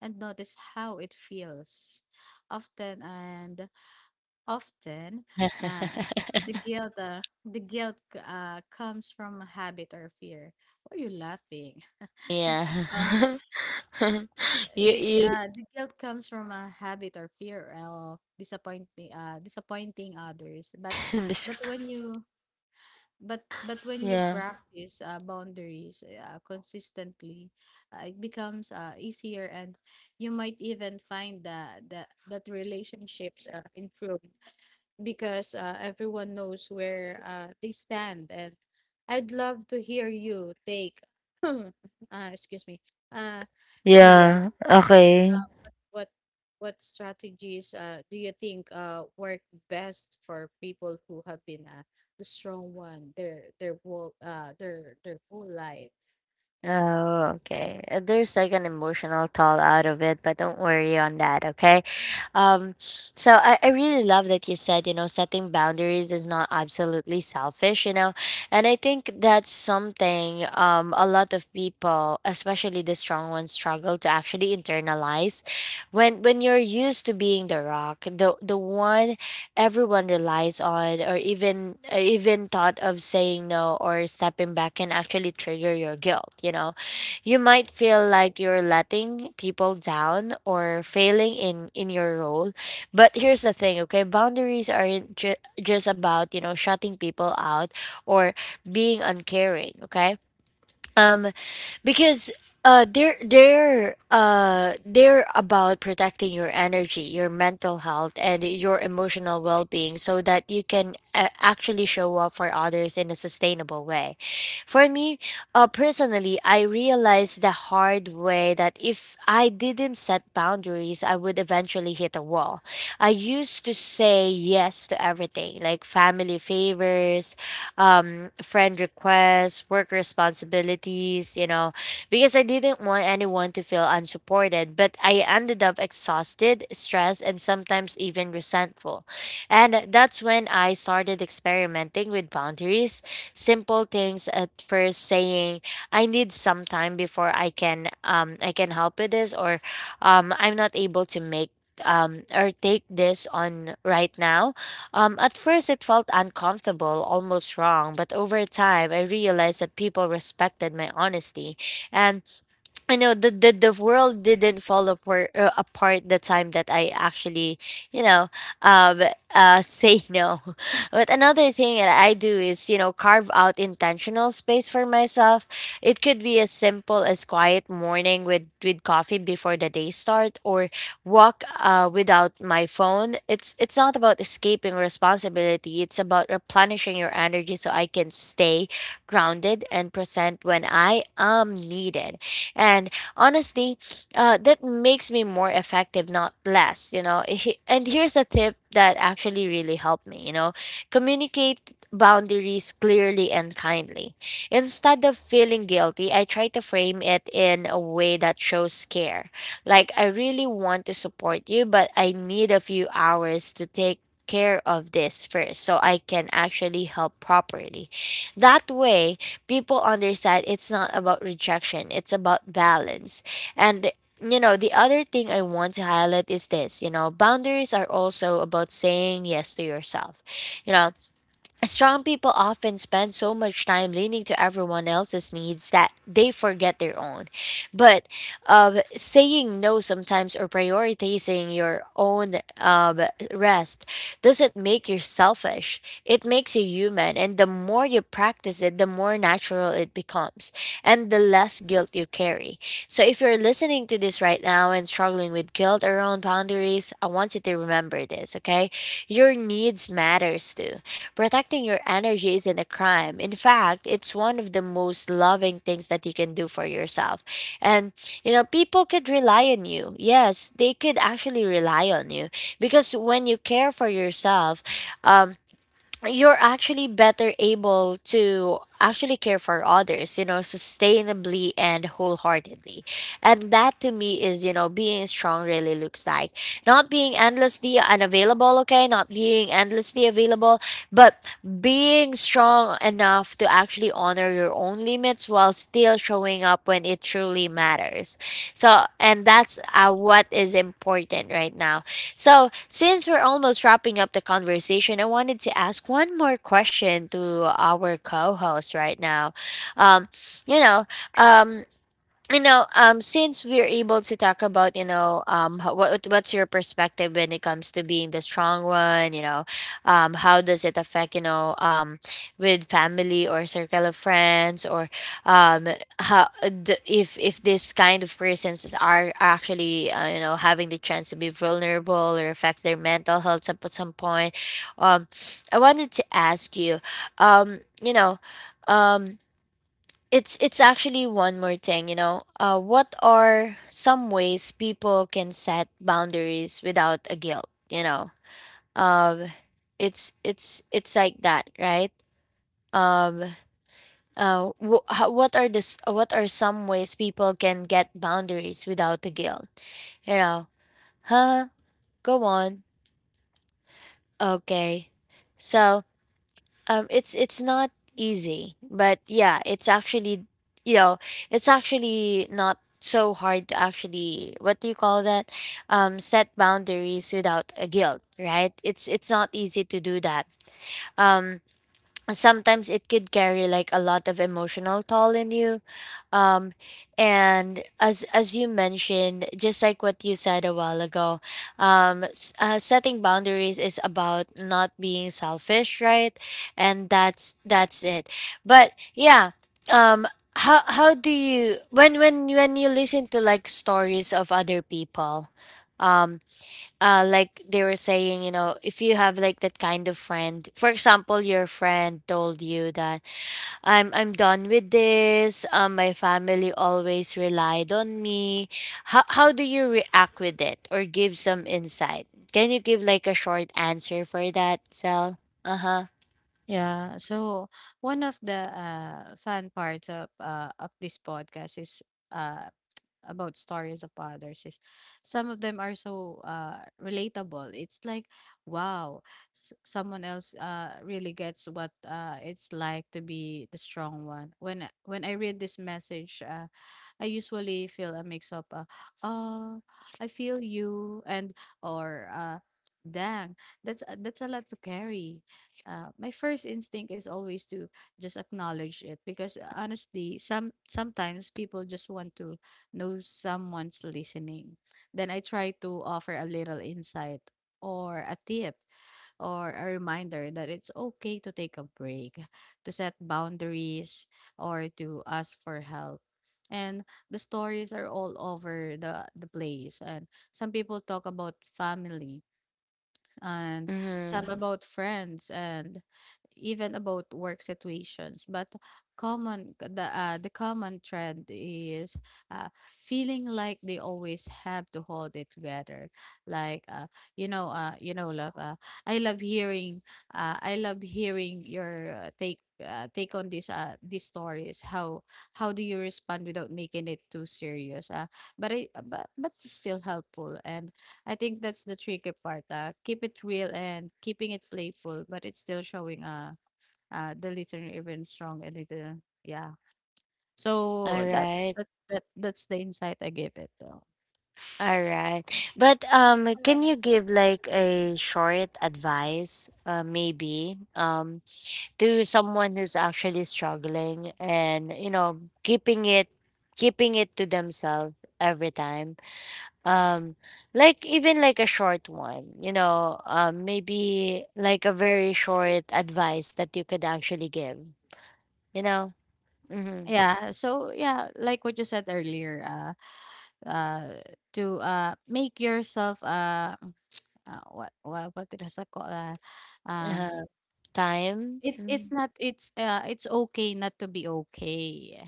Speaker 2: notice how it feels. often and Often uh the
Speaker 1: [LAUGHS]
Speaker 2: guilt, comes from a habit or fear. Why are you laughing?
Speaker 1: Yeah.
Speaker 2: [LAUGHS]
Speaker 1: [LAUGHS] You
Speaker 2: It,
Speaker 1: you
Speaker 2: the guilt comes from a habit or fear of disappointing, disappointing others. But,
Speaker 1: [LAUGHS] this.
Speaker 2: but when you, but when you
Speaker 1: Yeah.
Speaker 2: practice boundaries consistently, it becomes easier, and you might even find that relationships improve because everyone knows where they stand. And I'd love to hear you take, [CLEARS THROAT] uh, excuse me, uh, see,
Speaker 1: Yeah,
Speaker 2: what's
Speaker 1: okay.
Speaker 2: what what strategies do you think work best for people who have been the strong one their whole life?
Speaker 1: Oh, okay. There's like an emotional toll out of it, but don't worry on that, okay? So I really love that you said, you know, setting boundaries is not absolutely selfish, you know, and I think that's something, a lot of people, especially the strong ones, struggle to actually internalize. When you're used to being the rock, the one everyone relies on, or even thought of saying no or stepping back can actually trigger your guilt, you know. You might feel like you're letting people down or failing in your role. But here's the thing, okay? Boundaries aren't just about, you know, shutting people out or being uncaring, okay? Um because they're about protecting your energy, your mental health, and your emotional well-being, so that you can actually show up for others in a sustainable way. For me, personally, I realized the hard way that if I didn't set boundaries, I would eventually hit a wall. I used to say yes to everything, like family favors, friend requests, work responsibilities, you know, because I didn't want anyone to feel unsupported, but I ended up exhausted, stressed, and sometimes even resentful. And that's when I started experimenting with boundaries, simple things at first, saying, "I need some time before I can, I can help with this," or I'm not able to make, or take this on right now." Um, at first it felt uncomfortable, almost wrong, but over time I realized that people respected my honesty, and you know, the world didn't fall apart, the time that I actually, you know um say no. [LAUGHS] But another thing that I do is, you know, carve out intentional space for myself. It could be as simple as quiet morning with coffee before the day start, or walk without my phone. It's not about escaping responsibility, it's about replenishing your energy, so I can stay grounded and present when I am needed. And honestly, that makes me more effective, not less, you know. And here's a tip that actually really helped me, you know, communicate boundaries clearly and kindly. Instead of feeling guilty, I try to frame it in a way that shows care, like, "I really want to support you, but I need a few hours to take care of this first, so I can actually help properly." That way, people understand it's not about rejection, it's about balance. And you know, the other thing I want to highlight is this, you know, boundaries are also about saying yes to yourself. You know, strong people often spend so much time leaning to everyone else's needs that they forget their own. But saying no sometimes, or prioritizing your own, rest, doesn't make you selfish. It makes you human. And the more you practice it, the more natural it becomes, and the less guilt you carry. So if you're listening to this right now and struggling with guilt around boundaries, I want you to remember this, okay? Your needs matters too. Protecting your energy isn't a crime. In fact, it's one of the most loving things that you can do for yourself. And, you know, people could rely on you. Yes, they could actually rely on you, because when you care for yourself, um, you're actually better able to actually care for others, you know, sustainably and wholeheartedly. And that to me is, you know, being strong really looks like, not being endlessly unavailable, okay? Not being endlessly available, but being strong enough to actually honor your own limits while still showing up when it truly matters. So, and that's what is important right now. So, since we're almost wrapping up the conversation, I wanted to ask one more question to our co host right now. Um, you know, um, you know, since we're able to talk about, you know, what's your perspective when it comes to being the strong one, you know, how does it affect, with family or circle of friends, or um how the, if this kind of persons are actually, you know, having the chance to be vulnerable, or affects their mental health up at some point. um I wanted to ask you, you know um it's actually one more thing, you know. What are some ways people can set boundaries without a guilt? You know, um, it's it's like that, right? Um, how, what are this? What are some ways people can get boundaries without a guilt? You know, huh? Go on. Okay, so, it's not easy, but yeah, it's actually, you know, it's actually not so hard to actually, what do you call that? Set boundaries without a guilt, right? It's not easy to do that. Um, Sometimes it could carry like a lot of emotional toll in you. Um and As you mentioned, just like what you said a while ago, setting boundaries is about not being selfish, right? And that's it. But yeah, um how, do you, when you listen to like stories of other people, um like they were saying, you know, if you have like that kind of friend, for example, your friend told you that, I'm done with this, my family always relied on me." How, do you react with it, or give some insight? Can you give like a short answer for that, Sel? Uh-huh.
Speaker 2: Yeah. So one of the fun parts of this podcast is, uh, about stories of others, is some of them are so relatable. It's like, wow, someone else really gets what it's like to be the strong one. When I read this message, I usually feel a mix of, uh I feel you, and or dang, that's a lot to carry. My first instinct is always to just acknowledge it, because honestly sometimes people just want to know someone's listening. Then I try to offer a little insight, or a tip, or a reminder that it's okay to take a break, to set boundaries, or to ask for help. And the stories are all over the place. And some people talk about family, and
Speaker 1: mm-hmm.
Speaker 2: some about friends, and even about work situations, but common the common trend is, uh, feeling like they always have to hold it together, like, you know love I love hearing I love hearing your take on this these stories. How do you respond without making it too serious, but I but still helpful? And I think that's the tricky part. Keep it real and keeping it playful, but it's still showing the listener even strong, and it, yeah.
Speaker 1: All
Speaker 2: So
Speaker 1: right.
Speaker 2: that's the insight I gave it.
Speaker 1: All right. But can you
Speaker 2: Um,
Speaker 1: give like a short advice, maybe, to someone who's actually struggling and, you know, keeping it, keeping it to themselves every time, um like, even like a short one, you know, maybe like a very short advice that you could actually give, you know. Mm-hmm.
Speaker 2: yeah. So yeah, like what you said earlier, uh, uh, to make yourself, mm, what it is called sa- uh, um
Speaker 1: Uh, time. Mhm.
Speaker 2: it's not it's it's okay not to be okay.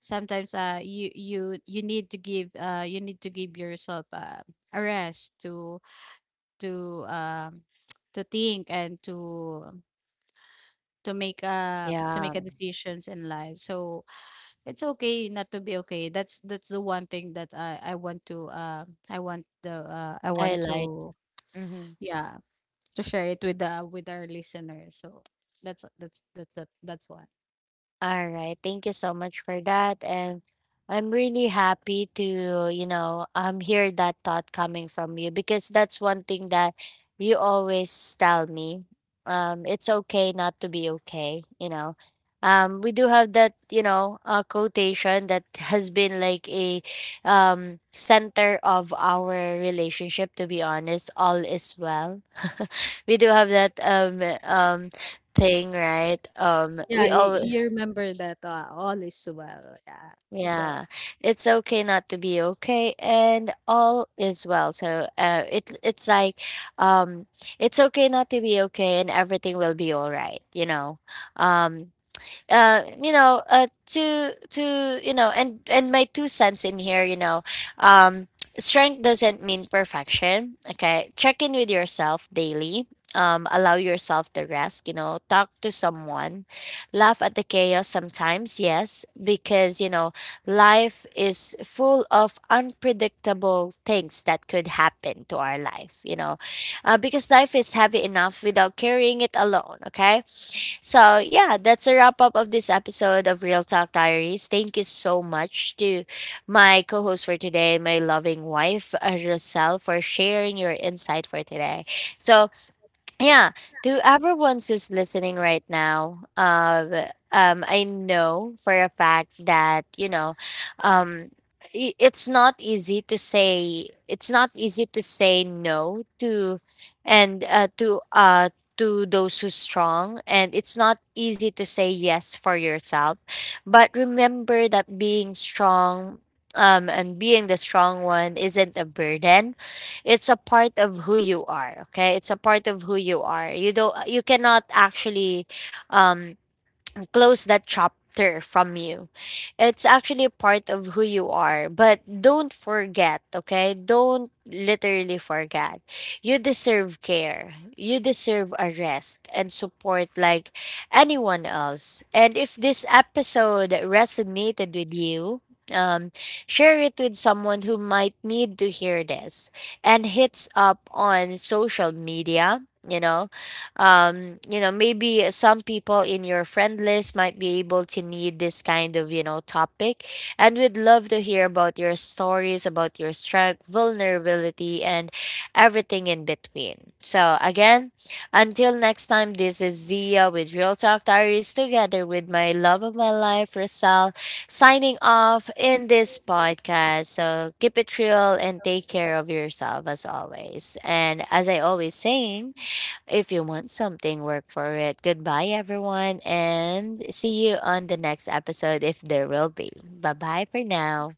Speaker 2: Sometimes you you need to give, you need to give yourself a rest, to to um [TSK] to think, and to to
Speaker 1: Yeah.
Speaker 2: make a decisions in life. So it's okay not to be okay. That's the one thing that I want to, I want
Speaker 1: Highlight.
Speaker 2: to,
Speaker 1: Hmm.
Speaker 2: yeah, to share it with the with our listeners. So that's why.
Speaker 1: All right, thank you so much for that. And I'm really happy to, you know, hear that thought coming from you, because that's one thing that you always tell me. It's okay not to be okay, you know. We do have that, you know, quotation that [LAUGHS] has been like a, center of our relationship, to be honest. All is well. [LAUGHS] We do have that, thing, right?
Speaker 2: Yeah,
Speaker 1: We
Speaker 2: you,
Speaker 1: all,
Speaker 2: you remember that, all is well. Yeah, it's all
Speaker 1: yeah, it's okay not to be okay, and all is well. So, it's like, um, it's okay not to be okay, and everything will be all right. You know, um, uh, you know, uh, to you know, and my two cents in here, you know, um, strength doesn't mean perfection. Okay, check in with yourself daily. Allow yourself the rest. You know, talk to someone, laugh at the chaos sometimes. Yes, because you know, life is full of unpredictable things that could happen to our life. You know, because life is heavy enough without carrying it alone. Okay, so, yeah, that's a wrap up of this episode of Real Talk Diaries. Thank you so much to my co host for today, my loving wife, Roselle, for sharing your insight for today. So, yeah, to everyone's who's listening right now, I know for a fact that, you know, um, it's not easy to say. It's not easy to say no to, and to those who's strong, and it's not easy to say yes for yourself. But remember that being strong, and being the strong one isn't a burden, it's a part of who you are. Okay, it's a part of who you are. You don't, you cannot actually, um close that chapter from you. It's actually a part of who you are. But don't forget, okay? Don't literally forget. You deserve care. You deserve a rest and support like anyone else. And if this episode resonated with you, um, share it with someone who might need to hear this, and hits up on social media, you know. You know, maybe some people in your friend list might be able to need this kind of, you know, topic. And we'd love to hear about your stories, about your strength, vulnerability, and everything in between. So again, until next time, this is Zia with Real Talk Diaries, together with my love of my life, Rosal, signing off in this
Speaker 2: goodness.
Speaker 1: podcast. So keep it real and take care of yourself, as always, and as I always saying, if you want something, work for it. Goodbye, everyone, and see you on the next episode, if there will be. Bye bye for now.